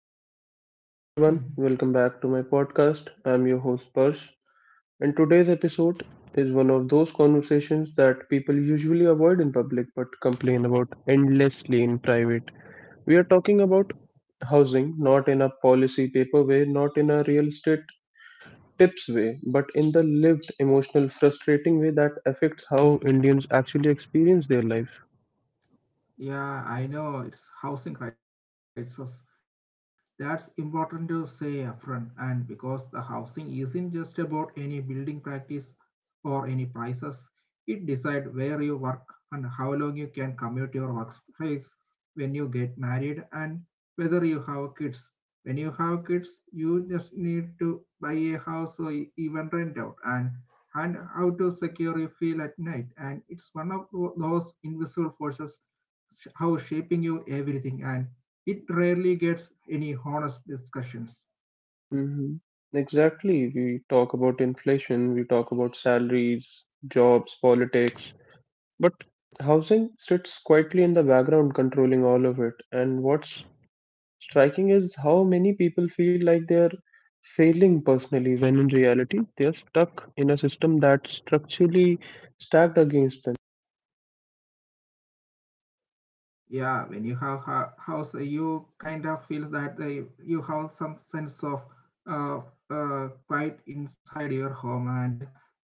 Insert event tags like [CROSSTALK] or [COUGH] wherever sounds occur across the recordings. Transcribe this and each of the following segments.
Okay. Hey everyone, welcome back to my Mhm. podcast. I'm your host Parsh, and today's episode is one of those conversations that people usually avoid in public but complain about endlessly in private. We are talking about housing, not in a policy paper way, not in a real estate tips way, but in the lived, emotional, frustrating way that affects how Indians actually experience their lives. Yeah, I know it's housing crisis. That's important to say upfront, and because the housing isn't just about any building practice or any prices, it decides where you work and how long you can commute to your workplace when you get married and whether you have kids. When you have kids, you just need to buy a house or even rent out and how to secure your feel at night. And it's one of those invisible forces how shaping you everything and it rarely gets any honest discussions. hmm Exactly. We talk about inflation, we talk about salaries, jobs, politics, but housing sits quietly in the background, controlling all of it. And what's striking is how many people feel like they're failing personally, when in reality, they're stuck in a system that's structurally stacked against them. Yeah, when you have a house, you kind of feel that the, you have some sense of uh, quiet inside your home, and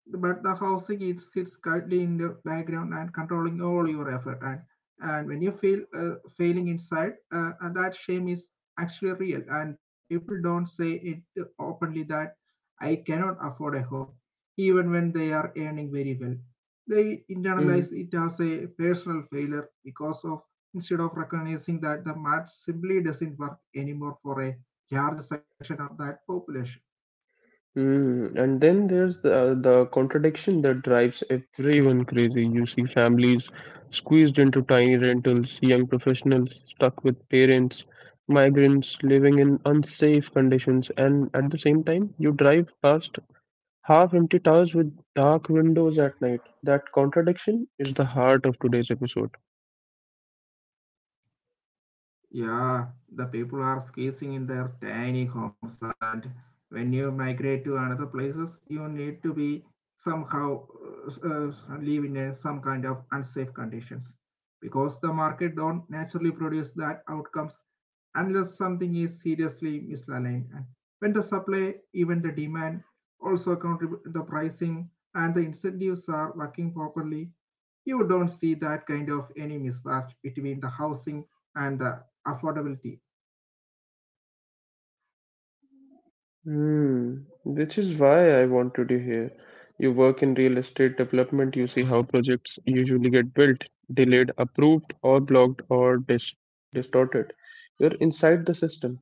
but the housing it sits quietly in the background and controlling all your effort. And when you feel failing inside, and that shame is actually real, and people don't say it openly that I cannot afford a home, even when they are earning very well. They internalize Mm-hmm. it as a personal failure because of instead of recognizing that the math simply doesn't work anymore for a large section of that population. And then there's the contradiction that drives everyone crazy. You see families squeezed into tiny rentals, young professionals stuck with parents, migrants living in unsafe conditions, and at the same time, you drive past half empty towers with dark windows at night. That contradiction is the heart of today's episode. Yeah, the people are squeezing in their tiny homes, and when you migrate to another places, you need to be somehow live in a, some kind of unsafe conditions because the market don't naturally produce that outcomes unless something is seriously misaligned. And when the supply, even the demand also contribute the pricing and the incentives are working properly, you don't see that kind of any mismatch between the housing and the affordability. Hmm, which is why I wanted you here. You work in real estate development, you see how projects usually get built, delayed, approved, or blocked or distorted. You're inside the system.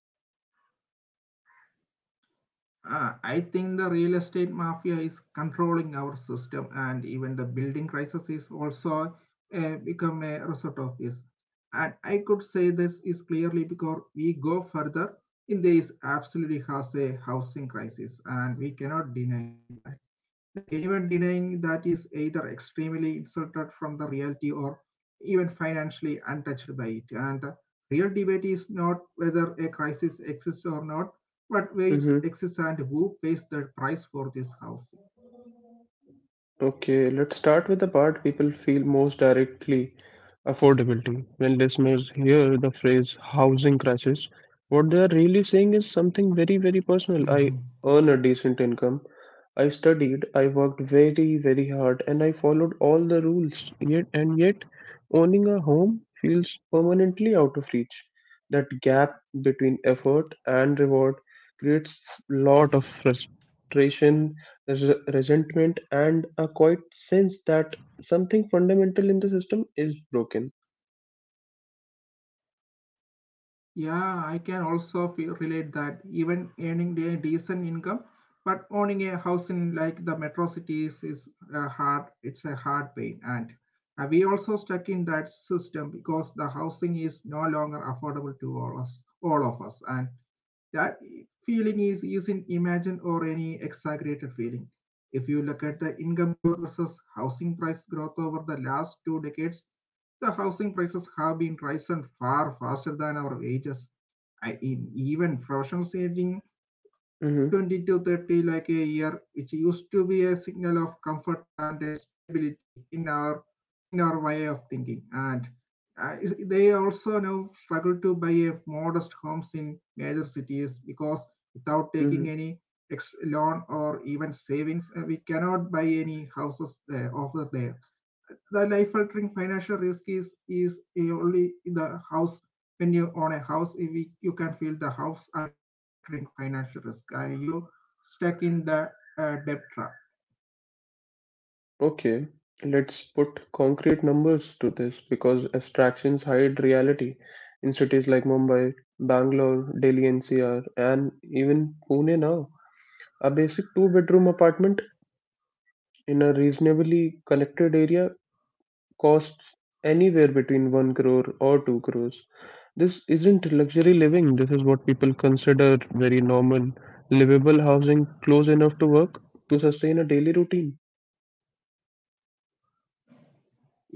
I think the real estate mafia is controlling our system, and even the building crisis is also become a result of this. And I could say this is clearly because we go further. India is absolutely has a housing crisis, and we cannot deny that. The anyone denying that is either extremely insulted from the reality or even financially untouched by it. And the real debate is not whether a crisis exists or not, but where it Mm-hmm. exists and who pays the price for this housing. Okay, let's start with the part people feel most directly affordability. When listeners hear the phrase housing crisis, what they are really saying is something very, very personal. I Mm-hmm. earn a decent income, I studied, I worked very, very hard, and I followed all the rules. Yet, and yet, owning a home feels permanently out of reach. That gap between effort and reward creates lot of frustration resentment, and a quiet sense that something fundamental in the system is broken. Yeah, I can also feel, relate that even earning a decent income, but owning a house in like the metro cities is a hard. It's a hard pain, and we also stuck in that system because the housing is no longer affordable to all us, all of us, and that feeling is isn't imagined or any exaggerated feeling. If you look at the income growth versus housing price growth over the last two decades, the housing prices have been rising far faster than our wages. In even professionals aging Mm-hmm. 20 to 30 lakh a year, which used to be a signal of comfort and a stability in our way of thinking. And uh, they also now struggle to buy a modest homes in major cities because without taking Mm-hmm. any loan or even savings, we cannot buy any houses there, over there the life altering financial risk is only in the house when you own a house you can feel the house altering financial risk are you stuck in the debt trap. Okay, let's put concrete numbers to this because abstractions hide reality. In cities like Mumbai, Bangalore, Delhi NCR, and even Pune now, a basic two-bedroom apartment in a reasonably connected area costs anywhere between 1 crore or 2 crores. This isn't luxury living. This is what people consider very normal, livable housing close enough to work to sustain a daily routine.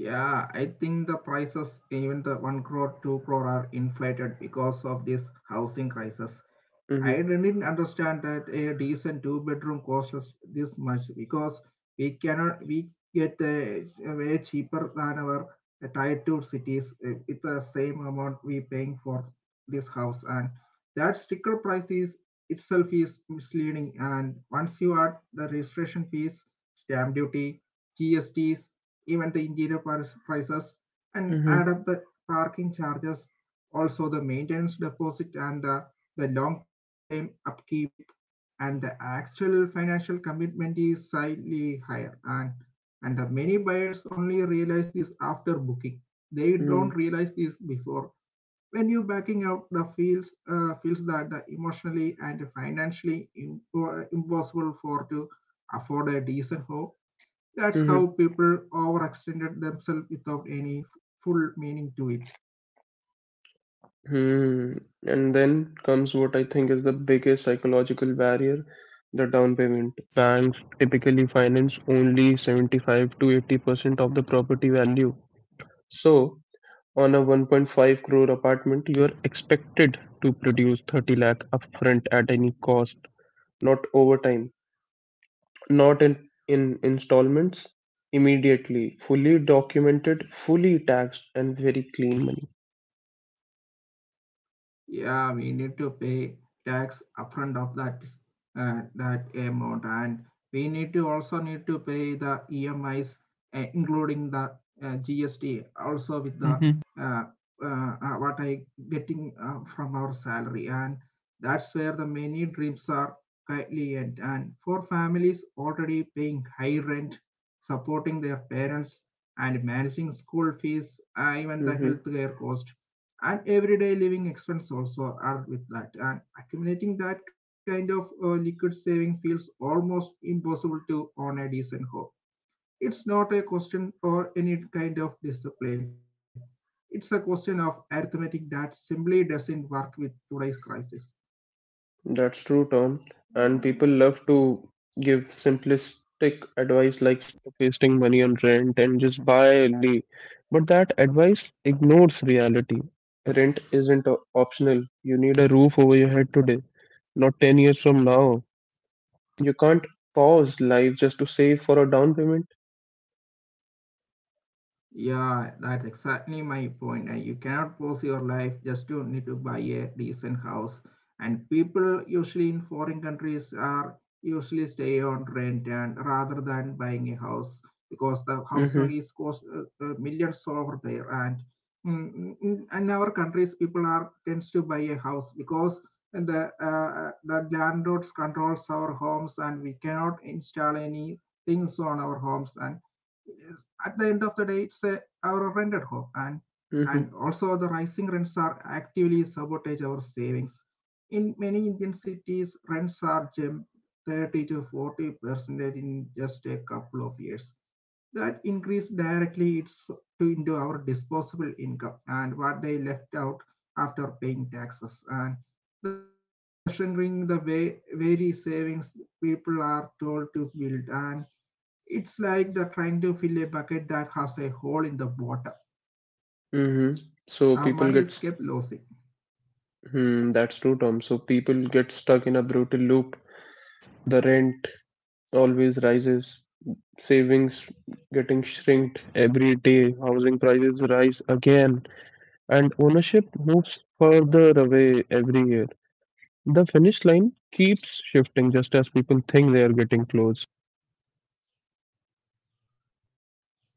Yeah, I think the prices even the 1 crore 2 crore are inflated because of this housing crisis. Mm-hmm. I didn't understand that a decent two-bedroom costs this much because we cannot we get a way cheaper than our tier two cities with the same amount we paying for this house and that sticker price is itself is misleading and once you add the registration fees, stamp duty, GSTs, even the interior prices and Mm-hmm. add up the parking charges, also the maintenance deposit and the long-term upkeep, and the actual financial commitment is slightly higher. And the many buyers only realize this after booking. They Mm-hmm. don't realize this before. When you backing out, the feels feels that the emotionally and financially impossible for to afford a decent home. That's how Mm-hmm. people overextended themselves without any full meaning to it. Mm. And then comes what I think is the biggest psychological barrier, the down payment. Banks typically finance only 75 to 80% of the property value. So, on a 1.5 crore apartment, you are expected to produce 30 lakh upfront at any cost. Not over time, not in installments, immediately, fully documented, fully taxed, and very clean money. Yeah, we need to pay tax upfront of that that amount, and we need to also need to pay the EMIs, including the GST, also with the hmm uh, what I getting from our salary, and that's where the many dreams are quietly end. And for families already paying high rent, supporting their parents, and managing school fees, even the hmm healthcare cost and everyday living expenses also are with that and accumulating that kind of liquid saving feels almost impossible to own a decent home. It's not a question or any kind of discipline. It's a question of arithmetic that simply doesn't work with today's crisis. That's true, Tom. And people love to give simplistic advice like stop wasting money on rent and just buy a lease. But that advice ignores reality. Rent isn't optional. You need a roof over your head today, not 10 years from now. You can't pause life just to save for a down payment. Yeah, that's exactly my point. You cannot pose your life just you need to buy a decent house. And people usually in foreign countries are usually stay on rent and rather than buying a house because the housing is Mm-hmm. cost millions over there. And in our countries, people are tends to buy a house because the landlords controls our homes and we cannot install any things on our homes and yes, at the end of the day, it's a, our rented home, and Mm-hmm. also the rising rents are actively sabotage our savings. In many Indian cities, rents are jumped 30 to 40% in just a couple of years. That increase directly it's to into our disposable income and what they left out after paying taxes and the shrinking the way very savings people are told to build and it's like they're trying to fill a bucket that has a hole in the bottom. Mm-hmm. So Our people money get, is s- kept losing. hmm, that's true, Tom. So people get stuck in a brutal loop. The rent always rises, savings getting shrinked every day, housing prices rise again, and ownership moves further away every year. The finish line keeps shifting just as people think they are getting close.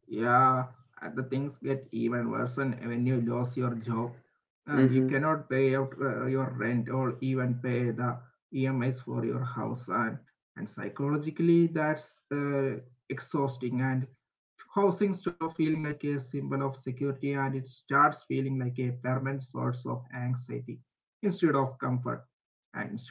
Yeah, and the things get even worse when you lose your job and you Mm-hmm. cannot pay out your rent or even pay the EMIs for your house. And psychologically, that's exhausting. And housing stops feeling like a symbol of security and it starts feeling like a permanent source of anxiety instead of comfort.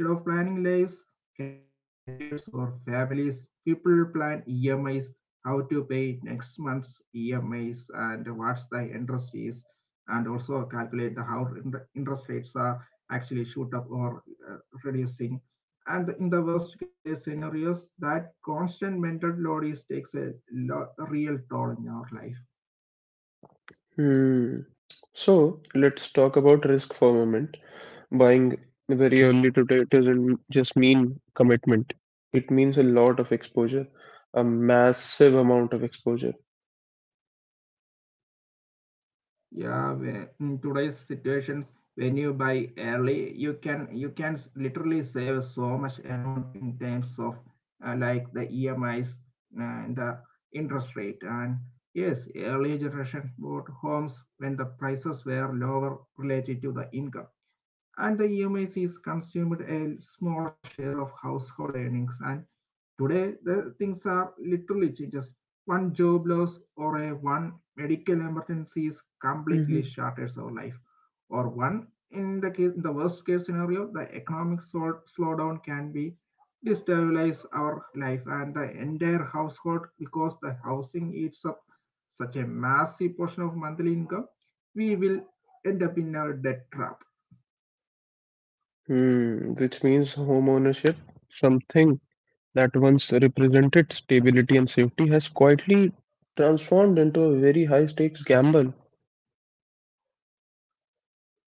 And instead of planning lives, careers, or families, people plan EMIs, how to pay next month's EMIs, and what's the interest is, and also calculate the how interest rates are actually shoot up or uh, reducing and in the worst case scenarios that constant mental load is takes a real toll in our life. Hmm. So let's talk about risk for a moment. Buying very early today doesn't just mean commitment. It means a lot of exposure, a massive amount of exposure. Yeah in today's situations when you buy early you can literally save so much amount in terms of like the EMIs and the interest rate and yes early generation bought homes when the prices were lower related to the income and the EMIs is consumed a smaller share of household earnings. And today, the things are literally just one job loss or a one medical emergency is completely hmm shatters our life, or one in the case in the worst case scenario, the economic slowdown can be destabilize our life and the entire household because the housing eats up such a massive portion of monthly income. We will end up in a debt trap. Hmm, which means home ownership, something that once represented stability and safety, has quietly transformed into a very high stakes gamble.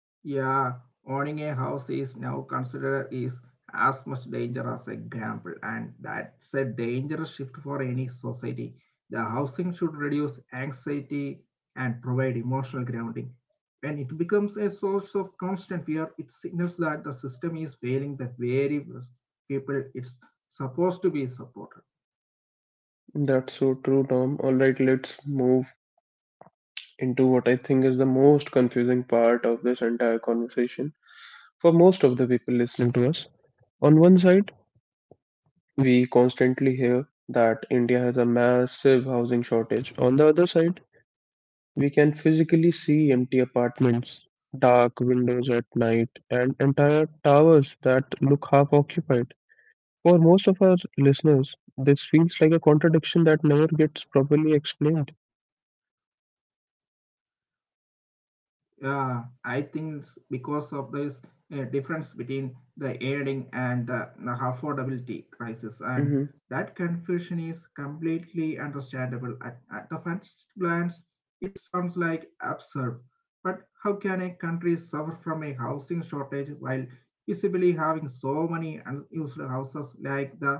Yeah, owning a house is now considered is as much danger as a gamble, and that's a dangerous shift for any society. The housing should reduce anxiety and provide emotional grounding. When it becomes a source of constant fear, it signals that the system is failing the very best people it's supposed to be supported. That's so true, Tom. All right, let's move into what I think is the most confusing part of this entire conversation for most of the people listening to us. On one side, we constantly hear that India has a massive housing shortage. On the other side, we can physically see empty apartments, dark windows at night, and entire towers that look half occupied. For most of our listeners, this feels like a contradiction that never gets properly explained. Yeah, I think it's because of this difference between the earning and the affordability crisis, and hmm that confusion is completely understandable. At the first glance, it sounds like absurd, but how can a country suffer from a housing shortage while visibly having so many unused houses like the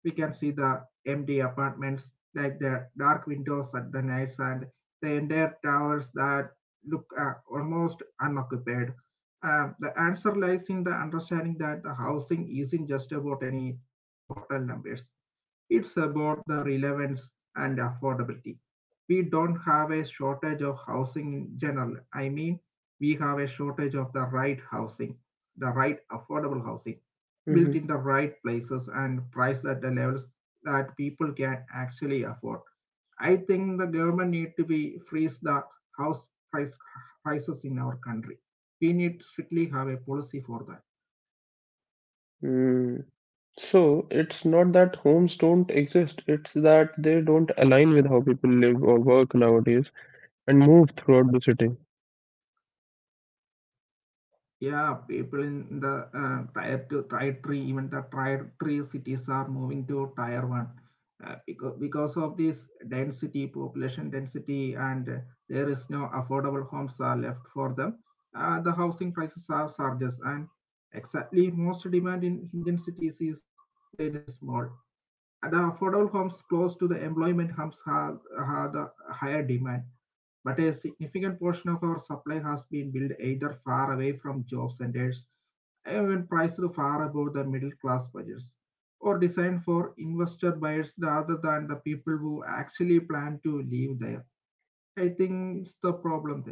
we can see the empty apartments, like the dark windows at the nights and the entire towers that look almost unoccupied. The answer lies in the understanding that the housing isn't just about any total numbers, it's about the relevance and affordability. We don't have a shortage of housing in general. I mean, we have a shortage of the right housing, the right affordable housing, built hmm in the right places and priced at the levels that people can actually afford. I think the government need to be freeze the house price prices in our country. We need to strictly have a policy for that. Mm. So it's not that homes don't exist, it's that they don't align with how people live or work nowadays and move throughout the city. Yeah, people in the tier two, tier three, even the tier three cities are moving to tier one because of this density, population density, and there is no affordable homes are left for them. The housing prices are surges, and exactly most demand in Indian cities is very small. And the affordable homes close to the employment homes have the higher demand, but a significant portion of our supply has been built either far away from job centers, even priced far above the middle class budgets, or designed for investor buyers rather than the people who actually plan to live there. I think it's the problem there.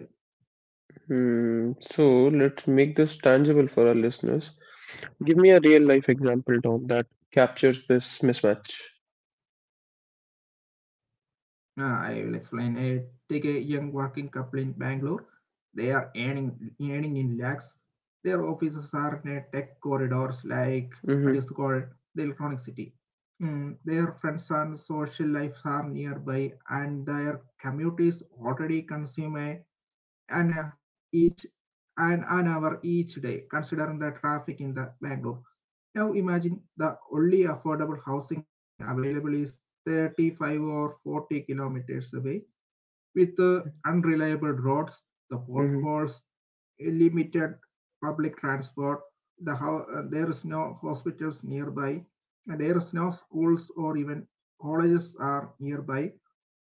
Hmm, so let's make this tangible for our listeners. Give me a real life example, Tom, that captures this mismatch. I will explain. Take a young working couple in Bangalore. They are earning in lakhs. Their offices are in tech corridors like what Mm-hmm, is called the electronic city. Mm, their friends and social lives are nearby, and their commute is already consume an uh, each an hour each day, considering the traffic in the Bangalore. Now imagine the only affordable housing available is 35 or 40 kilometers away with unreliable roads, the mm-hmm, potholes, a limited public transport, there is no hospitals nearby, and there is no schools or even colleges are nearby.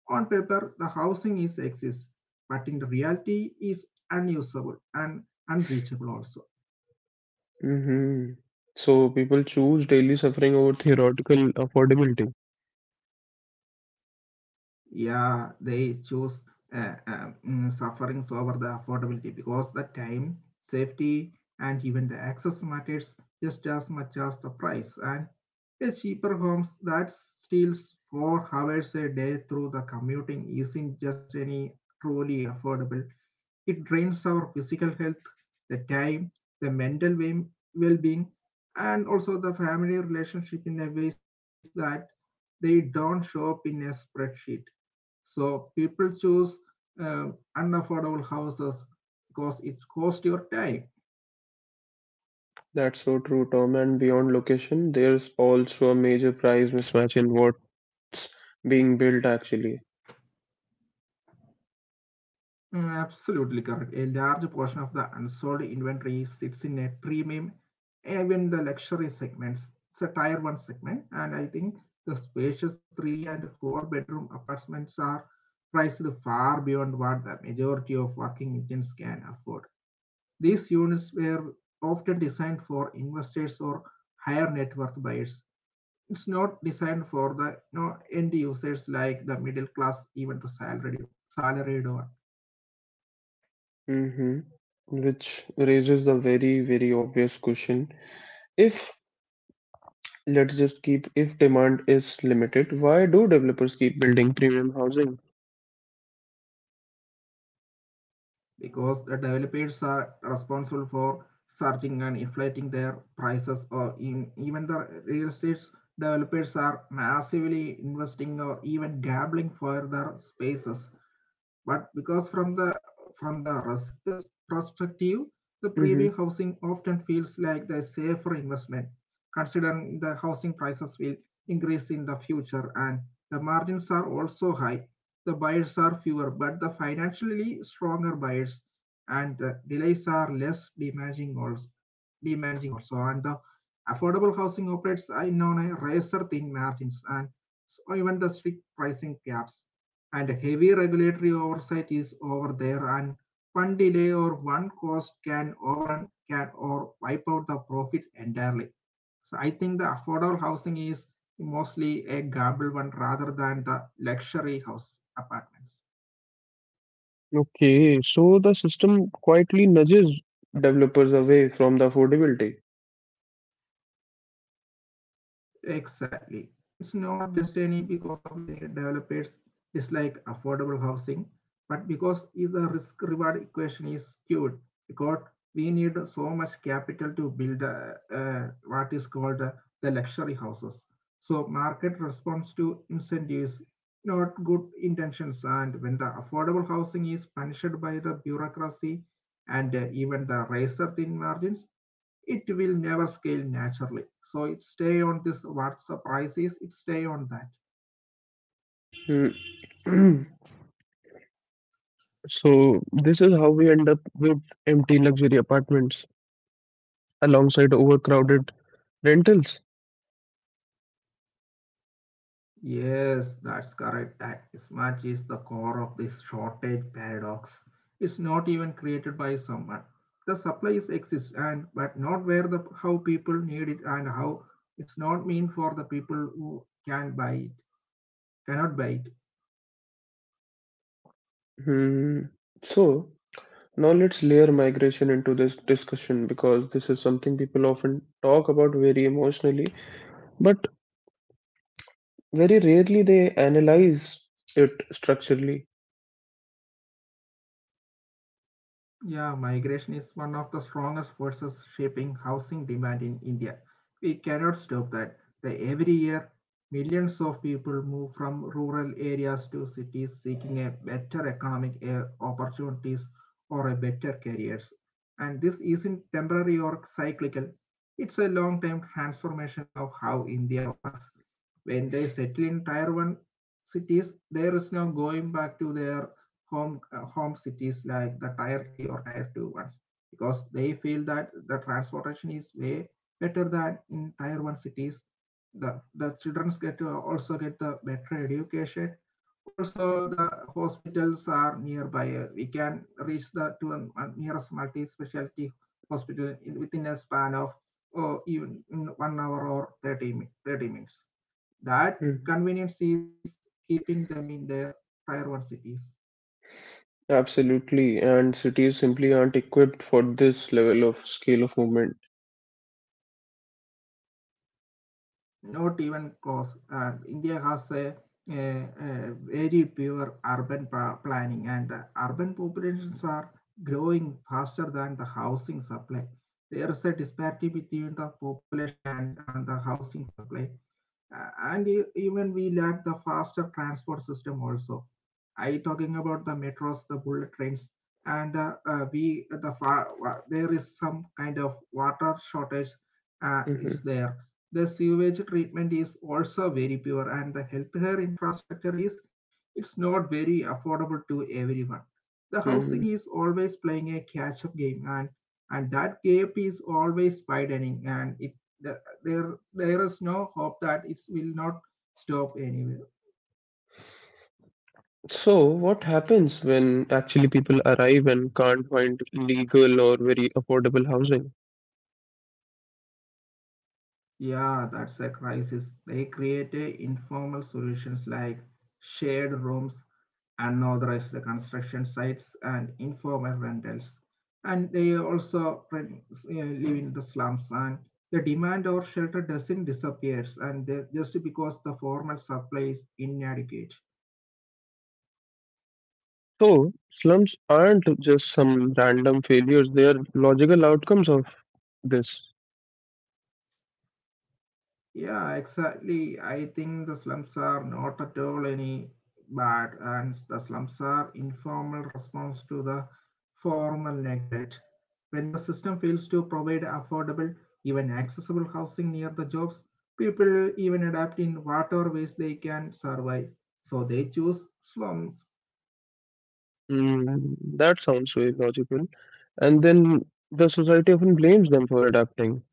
On paper, the housing is exists, but in reality is unusable and unreachable also. mm-hmm. So people choose daily suffering over theoretical affordability. Yeah, they choose sufferings over the affordability because the time, safety, and even the access matters just as much as the price. And a cheaper homes that steals 4 hours a day through the commuting isn't just any truly affordable. It drains our physical health, the time, the mental well being, and also the family relationship in a ways that they don't show up in a spreadsheet. So people choose uh, unaffordable houses because it costs your time. That's so true, Tom. And beyond location, there's also a major price mismatch in what being built actually. Absolutely correct. A large portion of the unsold inventory sits in a premium, even the luxury segments. It's a tier one segment, and I think the spacious three and four bedroom apartments are priced far beyond what the majority of working Indians can afford. These units were often designed for investors or higher net worth buyers. It's not designed for the you know, end users like the middle class, even the salaried one. Mm-hmm. Which raises the very, very obvious question. If Let's just keep, if demand is limited, why do developers keep building premium housing? Because the developers are responsible for searching and inflating their prices or in, even the real estate developers are massively investing or even gambling for their spaces, but because from the risk perspective, the premium hmm housing often feels like the safer investment, considering the housing prices will increase in the future and the margins are also high. The buyers are fewer, but the financially stronger buyers and the delays are less demanding also, demanding also. And the affordable housing operates in on a razor thin margins, and so even the strict pricing caps and heavy regulatory oversight is over there, and one delay or one cost can overrun can or wipe out the profit entirely. So I think the affordable housing is mostly a gamble one rather than the luxury house apartments. Okay, so the system quietly nudges developers away from the affordability. Exactly. It's not just any because of any developers dislike affordable housing, but because if the risk reward equation is skewed, because we need so much capital to build what is called the luxury houses. So market responds to incentives, not good intentions. And when the affordable housing is punished by the bureaucracy and even the razor thin margins, it will never scale naturally. So it stay on this what's the price is, it stay on that. Hmm. [CLEARS THROAT] So this is how we end up with empty luxury apartments alongside overcrowded rentals. Yes, that's correct. That mismatch is the core of this shortage paradox. It's not even created by someone. The supply is exist and but not where the how people need it, and how it's not mean for the people who can buy it, cannot buy it. Hmm. So now let's layer migration into this discussion because this is something people often talk about very emotionally, but very rarely they analyze it structurally. Yeah, migration is one of the strongest forces shaping housing demand in India. We cannot stop that. Every year, millions of people move from rural areas to cities seeking a better economic opportunities or a better careers. And this isn't temporary or cyclical. It's a long-term transformation of how India works. When they settle in tier one cities, there is no going back to their home cities like the tier 3 or tier 2 ones, because they feel that the transportation is way better than in tier 1 cities. The the childrens get to also get the better education also, the hospitals are nearby. We can reach the to a nearest multi-specialty hospital in, within a span of or even 1 hour or 30 minutes. That Mhm. convenience is keeping them in their tier 1 cities. Absolutely, and cities simply aren't equipped for this level of scale of movement. Not even close. India has a very pure urban planning, and the urban populations are growing faster than the housing supply. There is a disparity between the population and the housing supply. And even we lack the faster transport system also. I talking about the metros, the bullet trains, and the we the far wa- there is some kind of water shortage is Mhm. there. The sewage treatment is also very poor, and the healthcare infrastructure is it's not very affordable to everyone. The housing Mhm. is always playing a catch-up game, and that gap is always widening, and it there is no hope that it will not stop anywhere. So, what happens when actually people arrive and can't find legal or very affordable housing? Yeah, that's a crisis. They create a informal solutions like shared rooms, unauthorized construction sites, and informal rentals. And they also live in the slums. And the demand or shelter doesn't disappears, and they, just because the formal supply is inadequate. So, slums aren't just some random failures, they are logical outcomes of this. Yeah, exactly. I think the slums are not at all any bad, and the slums are informal response to the formal neglect. When the system fails to provide affordable, even accessible housing near the jobs, people even adapt in whatever ways they can survive. So they choose slums Mm, that sounds very logical. And then the society often blames them for adapting.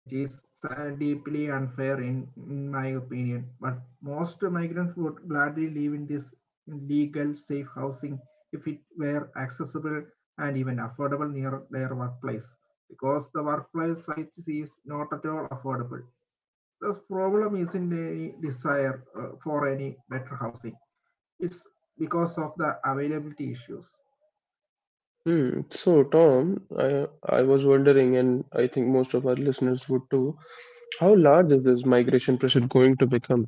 and which is deeply unfair in my opinion. But most migrants would gladly live in this legal, safe housing if it were accessible and even affordable near their workplace. Because the workplace site is not at all affordable. The problem isn't any desire for any better housing. It's because of the availability issues. Hmm. So, Tom, I was wondering, and I think most of our listeners would too, how large is this migration pressure going to become?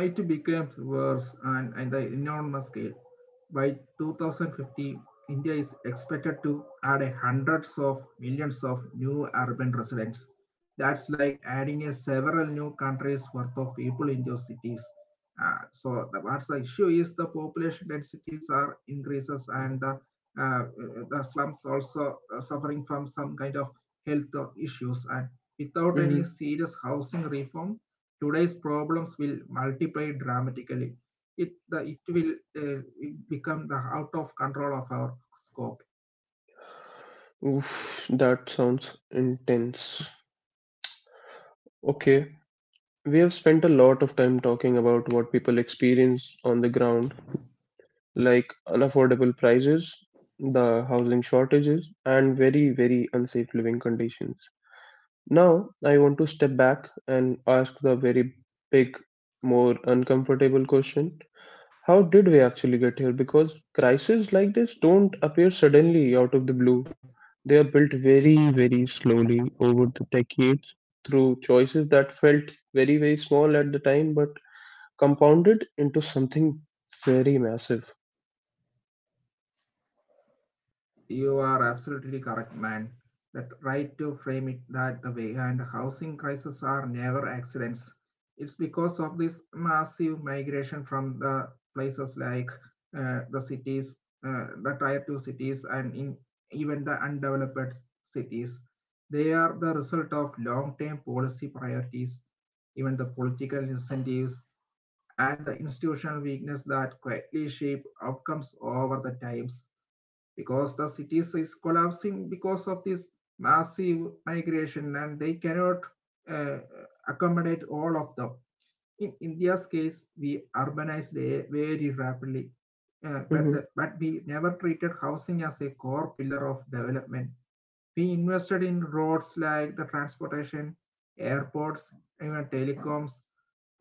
It becomes worse and at the enormous scale. By 2050, India is expected to add a hundreds of millions of new urban residents. That's like adding a several new countries worth of people into cities. So the, what's the issue is the population densities are increases, and uh, the slums also suffering from some kind of health issues, and without any Mm, serious housing reform today's problems will multiply dramatically. It will uh, become the out of control of our scope. oof, that sounds intense. Okay, we have spent a lot of time talking about what people experience on the ground, like unaffordable prices, the housing shortages, and very, very unsafe living conditions. Now, I want to step back and ask the very big, more uncomfortable question. How did we actually get here? Because crises like this don't appear suddenly out of the blue. They are built very, very slowly over the decades through choices that felt very, very small at the time but compounded into something very massive. You are absolutely correct, man. That right to frame it that the way, and housing crises are never accidents. It's because of this massive migration from the places like the cities, the tier two cities, and in even the undeveloped cities. They are the result of long-term policy priorities, even the political incentives, and the institutional weakness that quietly shape outcomes over the times, because the cities is collapsing because of this massive migration and they cannot uh, accommodate all of them. In India's case, we urbanized very rapidly, hmm but we never treated housing as a core pillar of development. We invested in roads like the transportation, airports, even telecoms,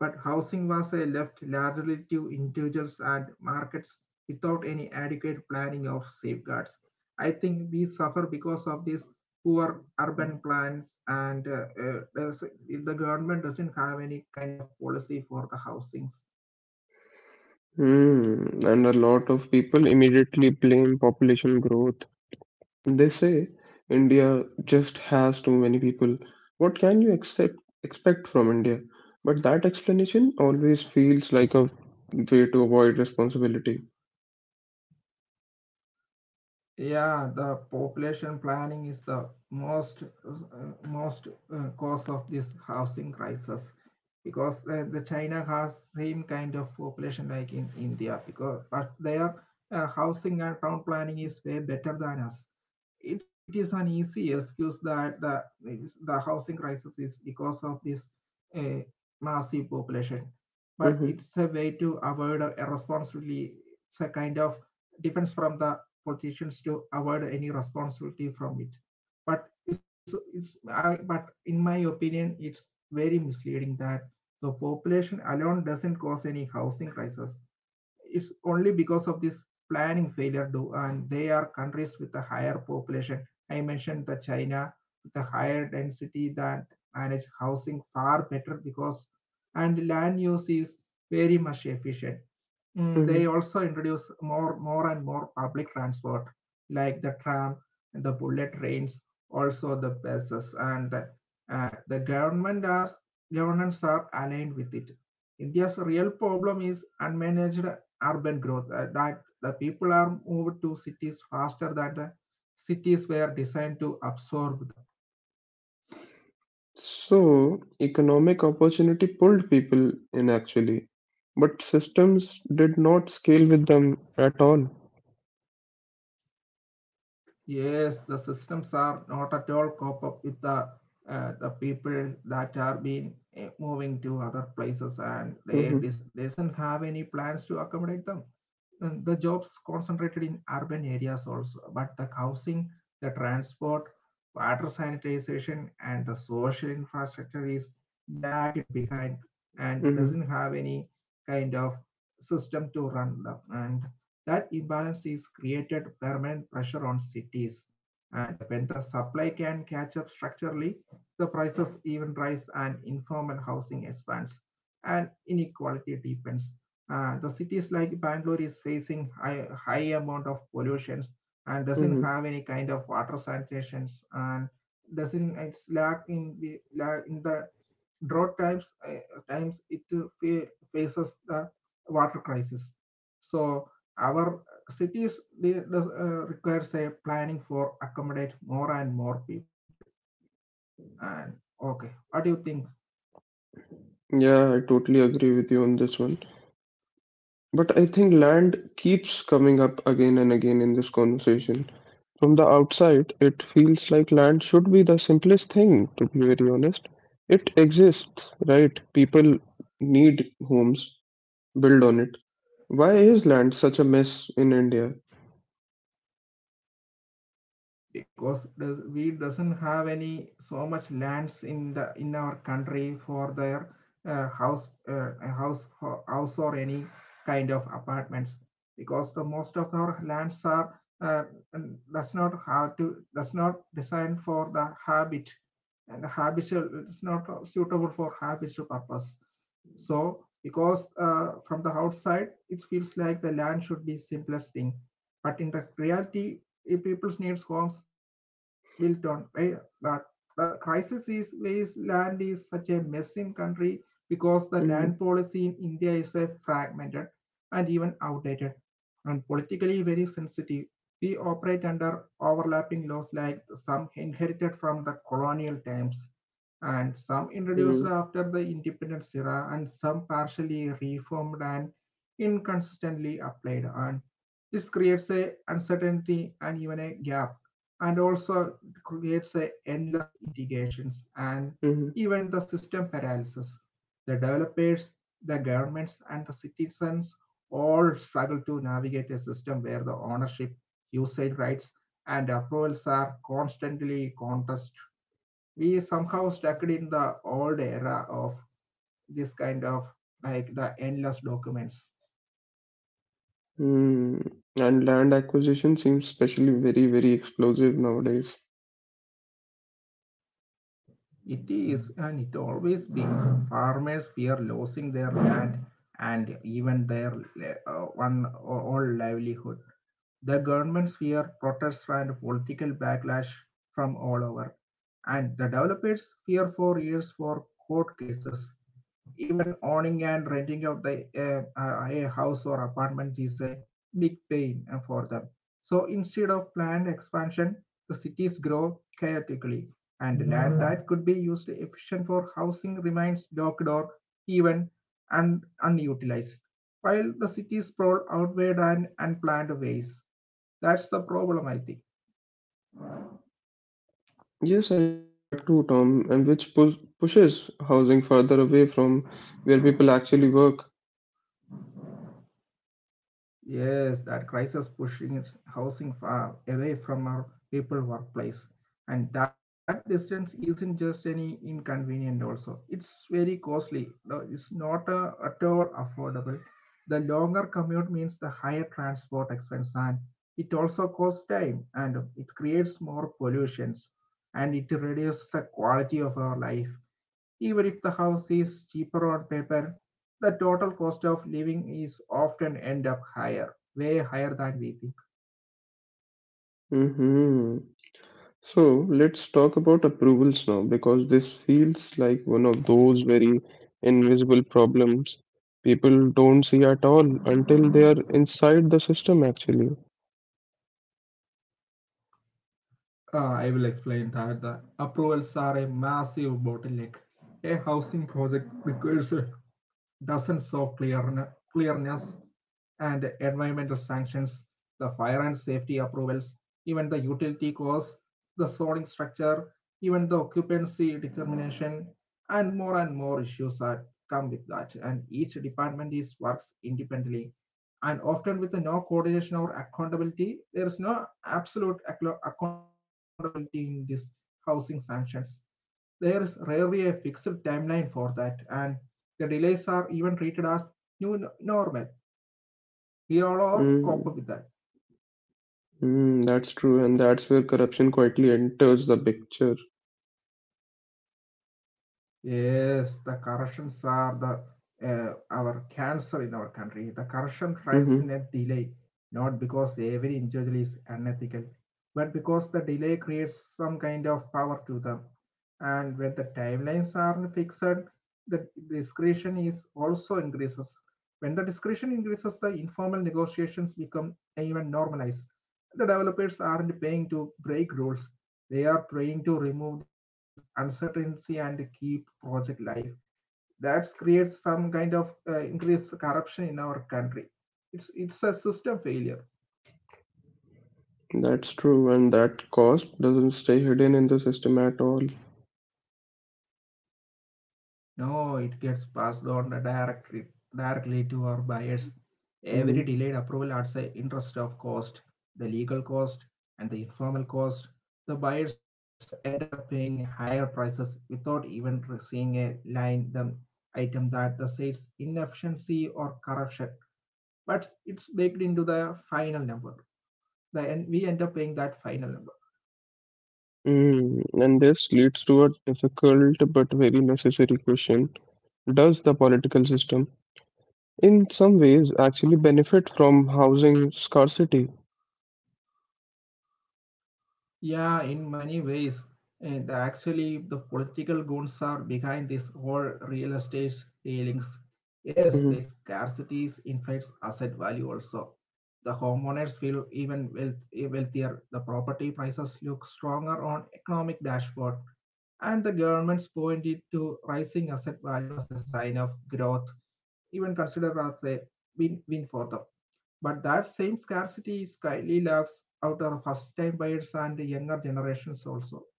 but housing was left largely to individuals and markets without any adequate planning of safeguards. I think we suffer because of these poor urban plans, and the government doesn't have any kind of policy for the housings. Mm, and a lot of people immediately blame population growth. They say India just has too many people. What can you accept, expect from India? But that explanation always feels like a way to avoid responsibility. Yeah, the population planning is the most most cause of this housing crisis, because the China has same kind of population like in India, because but their housing and town planning is way better than us. It's it is an easy excuse that the housing crisis is because of this uh, massive population, but hmm it's a way to avoid a responsibility. It's a kind of defense from the politicians to avoid any responsibility from it. But but in my opinion it's very misleading that the population alone doesn't cause any housing crisis. It's only because of this planning failure do, and they are countries with a higher population. I mentioned the china with a higher density that manage housing far better, because and land use is very much efficient. Mm, they hmm also introduce more and more public transport like the tram, the bullet trains, also the buses, and the government as governments are aligned with it. India's real problem is unmanaged urban growth, that the people are moved to cities faster than the cities were designed to absorb. So, economic opportunity pulled people in actually, but systems did not scale with them at all. Yes, the systems are not at all cope up with the people that are been moving to other places, and they hmm doesn't have any plans to accommodate them. The jobs concentrated in urban areas also, but the housing, the transport, water sanitization, and the social infrastructure is lagged behind and hmm doesn't have any kind of system to run them. And that imbalance is created permanent pressure on cities. And when the supply can catch up structurally, the prices even rise and informal housing expands and inequality deepens. The cities like Bangalore is facing high amount of pollutions and hmm doesn't have any kind of water sanitations and doesn't it's lack in the drought times it fa- faces the water crisis. So our cities they requires a planning for accommodate more and more people. And okay, what do you think? Yeah, I totally agree with you on this one. But I think land keeps coming up again and again in this conversation. From the outside, it feels like land should be the simplest thing, to be very honest. It exists, right? People need homes, build on it. Why is land such a mess in India? Because we doesn't have any so much lands in the in our country for their uh, house uh, house house or any kind of apartments, because the most of our lands are does not designed for the habit and habitual. It's not suitable for habitual purpose. So because from the outside it feels like the land should be simplest thing, but in the reality, if people's needs homes built on air. But the crisis is wasteland is such a mess in country, because the land Mm, policy in India is a fragmented and even outdated and politically very sensitive. We operate under overlapping laws like some inherited from the colonial times and some introduced mm, after the independence era and some partially reformed and inconsistently applied, and this creates a uncertainty and even a gap, and also creates a endless litigations and mm, even the system paralysis. The developers, the governments, and the citizens all struggle to navigate a system where the ownership, usage rights, and approvals are constantly contested. We somehow stuck in the old era of this kind of like the endless documents. mm. And land acquisition seems especially very, very explosive nowadays. It is, and it always been. Farmers fear losing their land and even their one or all livelihood. The governments fear protests and political backlash from all over, and the developers fear for years for court cases. Even owning and renting out the a house or apartments is a big pain for them. So instead of planned expansion, the cities grow chaotically, and land that could be used efficient for housing remains docked or even unutilized, while the cities sprawl outward and unplanned ways. That's the problem, I think. Yes, I think that too, Tom, and which pu pushes housing further away from where people actually work. Yes, that crisis pushing its housing far away from our people workplace. And that distance isn't just any inconvenient also. It's very costly. No, it's not at all affordable. The longer commute means the higher transport expense, and it also costs time, and it creates more pollutions, and it reduces the quality of our life. Even if the house is cheaper on paper, the total cost of living is often end up higher, way higher than we think. hmm So let's talk about approvals now because this feels like one of those very invisible problems people don't see at all until they are inside the system actually. I will explain that the approvals are a massive bottleneck. A housing project requires dozens of clearness and environmental sanctions, the fire and safety approvals, even the utility costs, the zoning structure, even the occupancy determination, and more issues are come with that. And each department is works independently, and often with the no coordination or accountability, there is no absolute accountability in this housing sanctions. There is rarely a fixed timeline for that, and the delays are even treated as new normal we all are Mm, cope with that. mm, that's true, and that's where corruption quietly enters the picture. Yes, the corrections are the our cancer in our country. The corruption thrives in a hmm delay, not because every individual is unethical, but because the delay creates some kind of power to them. And when the timelines aren't fixed, the discretion is also increases. When the discretion increases, the informal negotiations become even normalized. The developers aren't paying to break rules. They are trying to remove this uncertainty and keep project live. That creates some kind of increased corruption in our country. It's a system failure. That's true, and that cost doesn't stay hidden in the system at all. No, it gets passed on directly to our buyers. hmm Every delayed approval adds an interest of cost, the legal cost, and the informal cost. The buyers end up paying higher prices without even seeing a line the item that the sales inefficiency or corruption. But it's baked into the final number. The And we end up paying that final number. Mm, and this leads to a difficult but very necessary question. Does the political system in some ways actually benefit from housing scarcity. Yeah, in many ways. And actually, the political goons are behind this whole real estate dealings. Yes, the Mhm. scarcity inflates asset value also. The homeowners feel even wealthier. The property prices look stronger on economic dashboard. And the governments pointed to rising asset value as a sign of growth, even considered as a win-win for them. But that same scarcity is highly lacks out of first time buyers and younger generations also.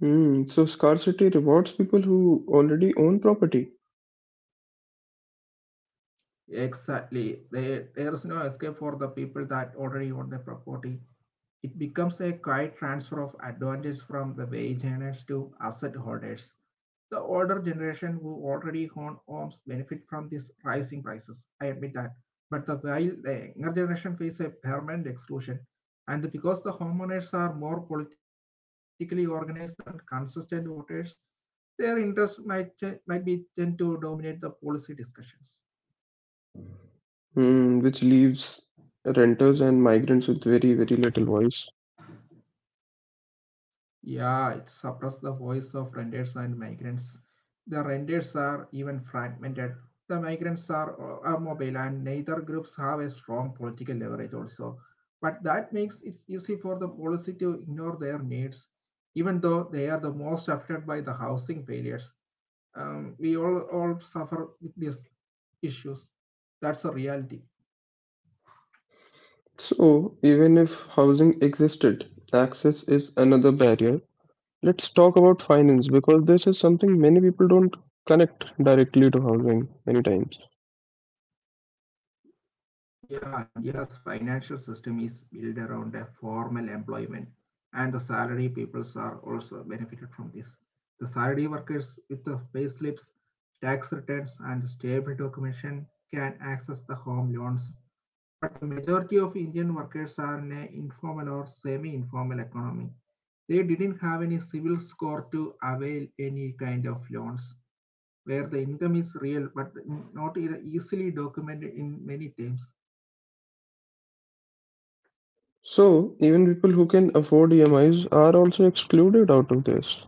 Hmm. So scarcity rewards people who already own property, Exactly. There is no escape for the people that already own the property. It becomes a quiet transfer of advantage from the wage earners to asset holders. The older generation who already own homes benefit from these rising prices. I admit that. But the while the younger generation face a permanent exclusion. And because the homeowners are more politically organized and consistent voters, their interests might be tend to dominate the policy discussions. Hmm. which leaves renters and migrants with very, very little voice. Yeah, it suppressed the voice of renters and migrants. The renters are even fragmented. The migrants are mobile and neither groups have a strong political leverage also. But that makes it easy for the policy to ignore their needs, even though they are the most affected by the housing failures. We all suffer with these issues. That's a reality. So even if housing existed, access is another barrier. Let's talk about finance because this is something many people don't connect directly to housing many times. Yeah, India's financial system is built around a formal employment, and the salary peoples are also benefited from this. The salary workers with the pay slips, tax returns, and stable documentation can access the home loans. But the majority of Indian workers are in an informal or semi informal economy. They didn't have any civil score to avail any kind of loans, where the income is real but not easily documented in many terms. So even people who can afford EMIs are also excluded out of this.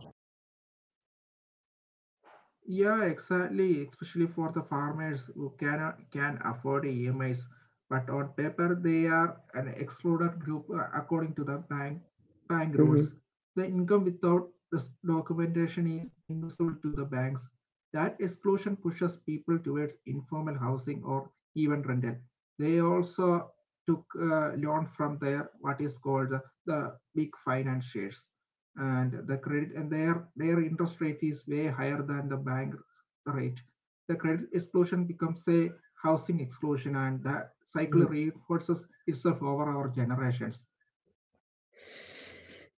Yeah, exactly. Especially for the farmers who can afford EMIs, but on paper they are an excluded group according to the bank Mhm. rules. The income without this documentation is invisible to the banks. That exclusion pushes people towards informal housing or even rental. They also took loan from their what is called the big financiers and the credit, and their interest rate is way higher than the bank rate. The credit exclusion becomes a housing exclusion, and that cycle reinforces itself over our generations.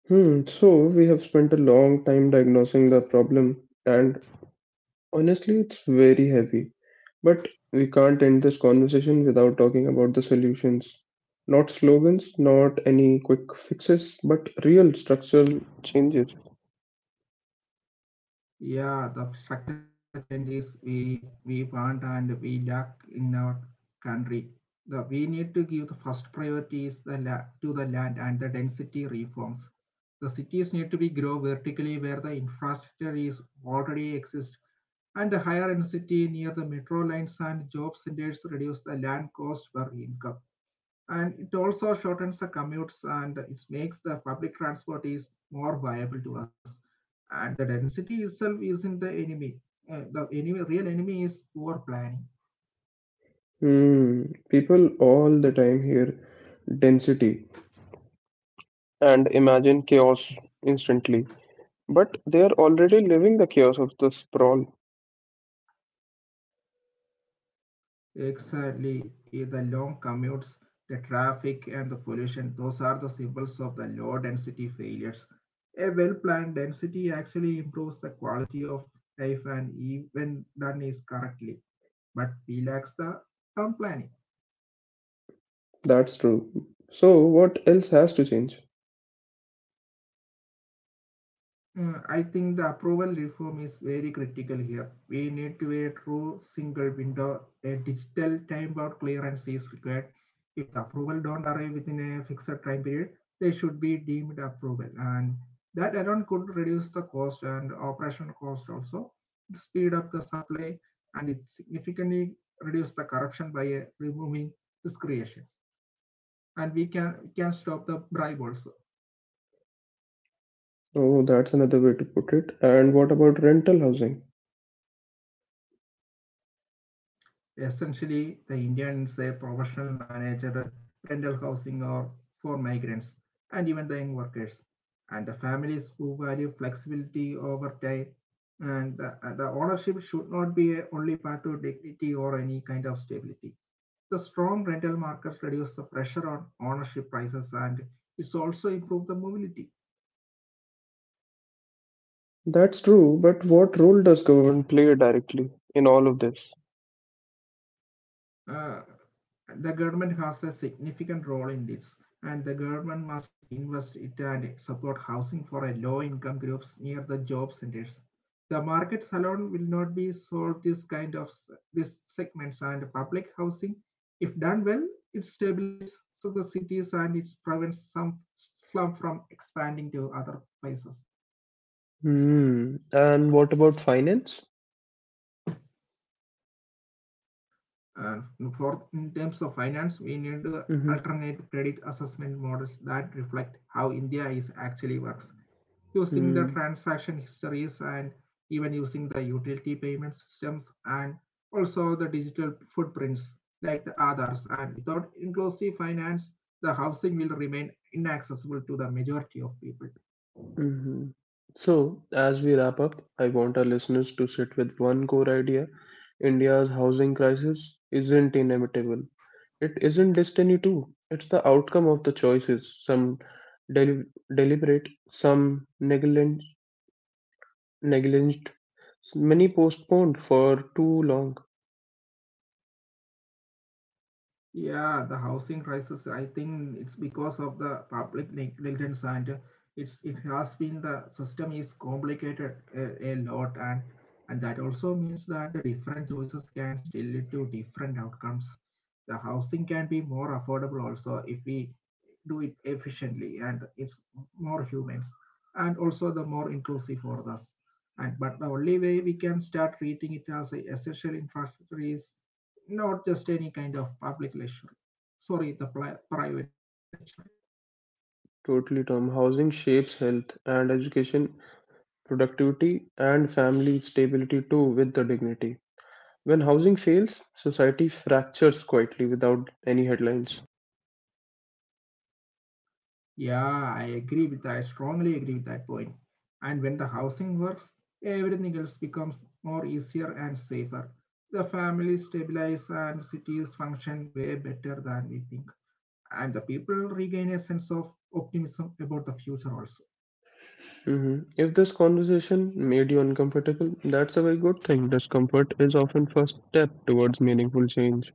Hmm, so we have spent a long time diagnosing the problem, and honestly, it's very heavy. But we can't end this conversation without talking about the solutions. Not slogans, not any quick fixes, but real structural changes. Yeah, the structural changes we want and we lack in our country. The we need to give the first priorities to the land and the density reforms. The cities need to be grow vertically where the infrastructure is already exist, and the higher density near the metro lines and job centers reduce the land cost per income. And it also shortens the commutes, and it makes the public transport is more viable to us. And the density itself isn't the enemy. The real enemy is poor planning. Hmm, people all the time hear density and imagine chaos instantly, but they are already living the chaos of the sprawl. Exactly, the long commutes, the traffic, and the pollution, those are the symbols of the low density failures. A well planned density actually improves the quality of life and even done is correctly, but we lack the town planning. That's true. So, what else has to change? I think the approval reform is very critical here. We need to a true single window, a digital time-bound clearance is required. If the approval don't arrive within a fixed time period, they should be deemed approval. And that alone could reduce the cost and operational cost also, speed up the supply, and it significantly reduce the corruption by removing discretions. And we can stop the bribe also. Oh, that's another way to put it. And what about rental housing? Essentially, the Indians a professional managed rental housing or for migrants and even the young workers and the families who value flexibility over time, and the ownership should not be a only path to dignity or any kind of stability. The strong rental markets reduce the pressure on ownership prices, and it's also improve the mobility. That's true, but what role does government play directly in all of this? uh, the government has a significant role in this, and the government must invest it and support housing for a low income groups near the job centers. The market alone will not be solve this kind of this segments, and public housing, if done well, it stabilizes the cities, and it prevents some slum from expanding to other places. Hmm. And what about finance? And for in terms of finance, we need hmm alternative credit assessment models that reflect how India is actually works, using the hmm transaction histories, and even using the utility payment systems, and also the digital footprints like the others. And without inclusive finance, the housing will remain inaccessible to the majority of people. hmm So, as we wrap up, I want our listeners to sit with one core idea. India's housing crisis isn't inevitable. It isn't destiny, too. It's the outcome of the choices, some del- deliberate, negliged, many postponed for too long. Yeah, the housing crisis, I think it's because of the public negligence, and it has been, the system is complicated a lot, and that also means that the different choices can still lead to different outcomes. The housing can be more affordable also if we do it efficiently, and it's more humans and also the more inclusive for us, and but the only way we can start treating it as a essential infrastructure is not just any kind of public lecture, sorry, the private lecture. Totally, Tom. Housing shapes health and education, productivity, and family stability too, with the dignity. When housing fails, society fractures quietly without any headlines. Yeah, I agree with that. I strongly agree with that point. And when the housing works, everything else becomes more easier and safer. The family stabilize, and cities function way better than we think, and the people regain a sense of optimism about the future also. If this conversation made you uncomfortable, that's a very good thing. Discomfort is often first step towards meaningful change.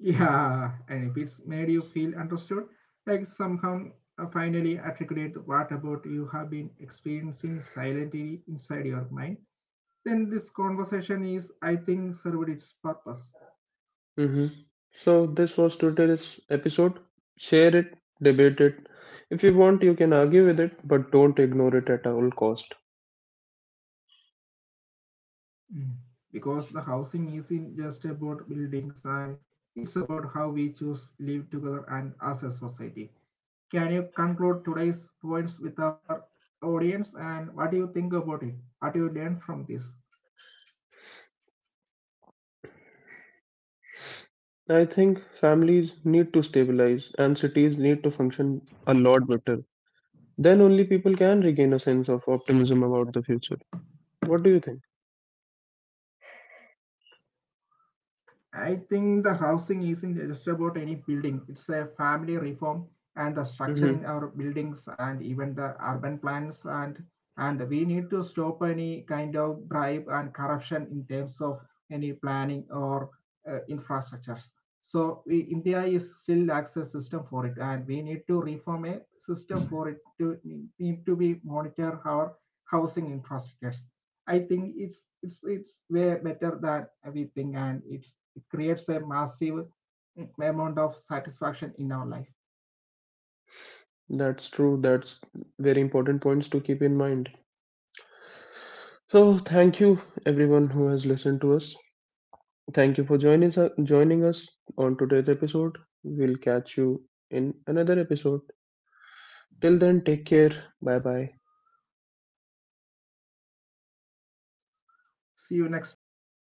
Yeah, and if it's made you feel understood, like somehow, finally articulate what about you have been experiencing silently inside your mind, then this conversation is, I think, served its purpose. hmm So this was today's episode. Share it, debate it. If you want, you can argue with it, but don't ignore it at all cost. Mm. Because the housing isn't just about buildings, and it's about how we choose live together and as a society. Can you conclude today's points with our audience, and what do you think about it? What do you learn from this? I think families need to stabilize and cities need to function a lot better. Then only people can regain a sense of optimism about the future. What do you think? I think the housing isn't just about any building. It's a family reform and the structure hmm in our buildings and even the urban plans, and we need to stop any kind of bribe and corruption in terms of any planning or infrastructures. So we, India is still lacks a system for it, and we need to reform a system for it to need to be monitor our housing infrastructures. I think it's way better than we think, and it creates a massive amount of satisfaction in our life. That's true. That's very important points to keep in mind. So thank you everyone who has listened to us. Thank you for joining us on today's episode. We'll catch you in another episode. Till then, take care. Bye bye. See you next time.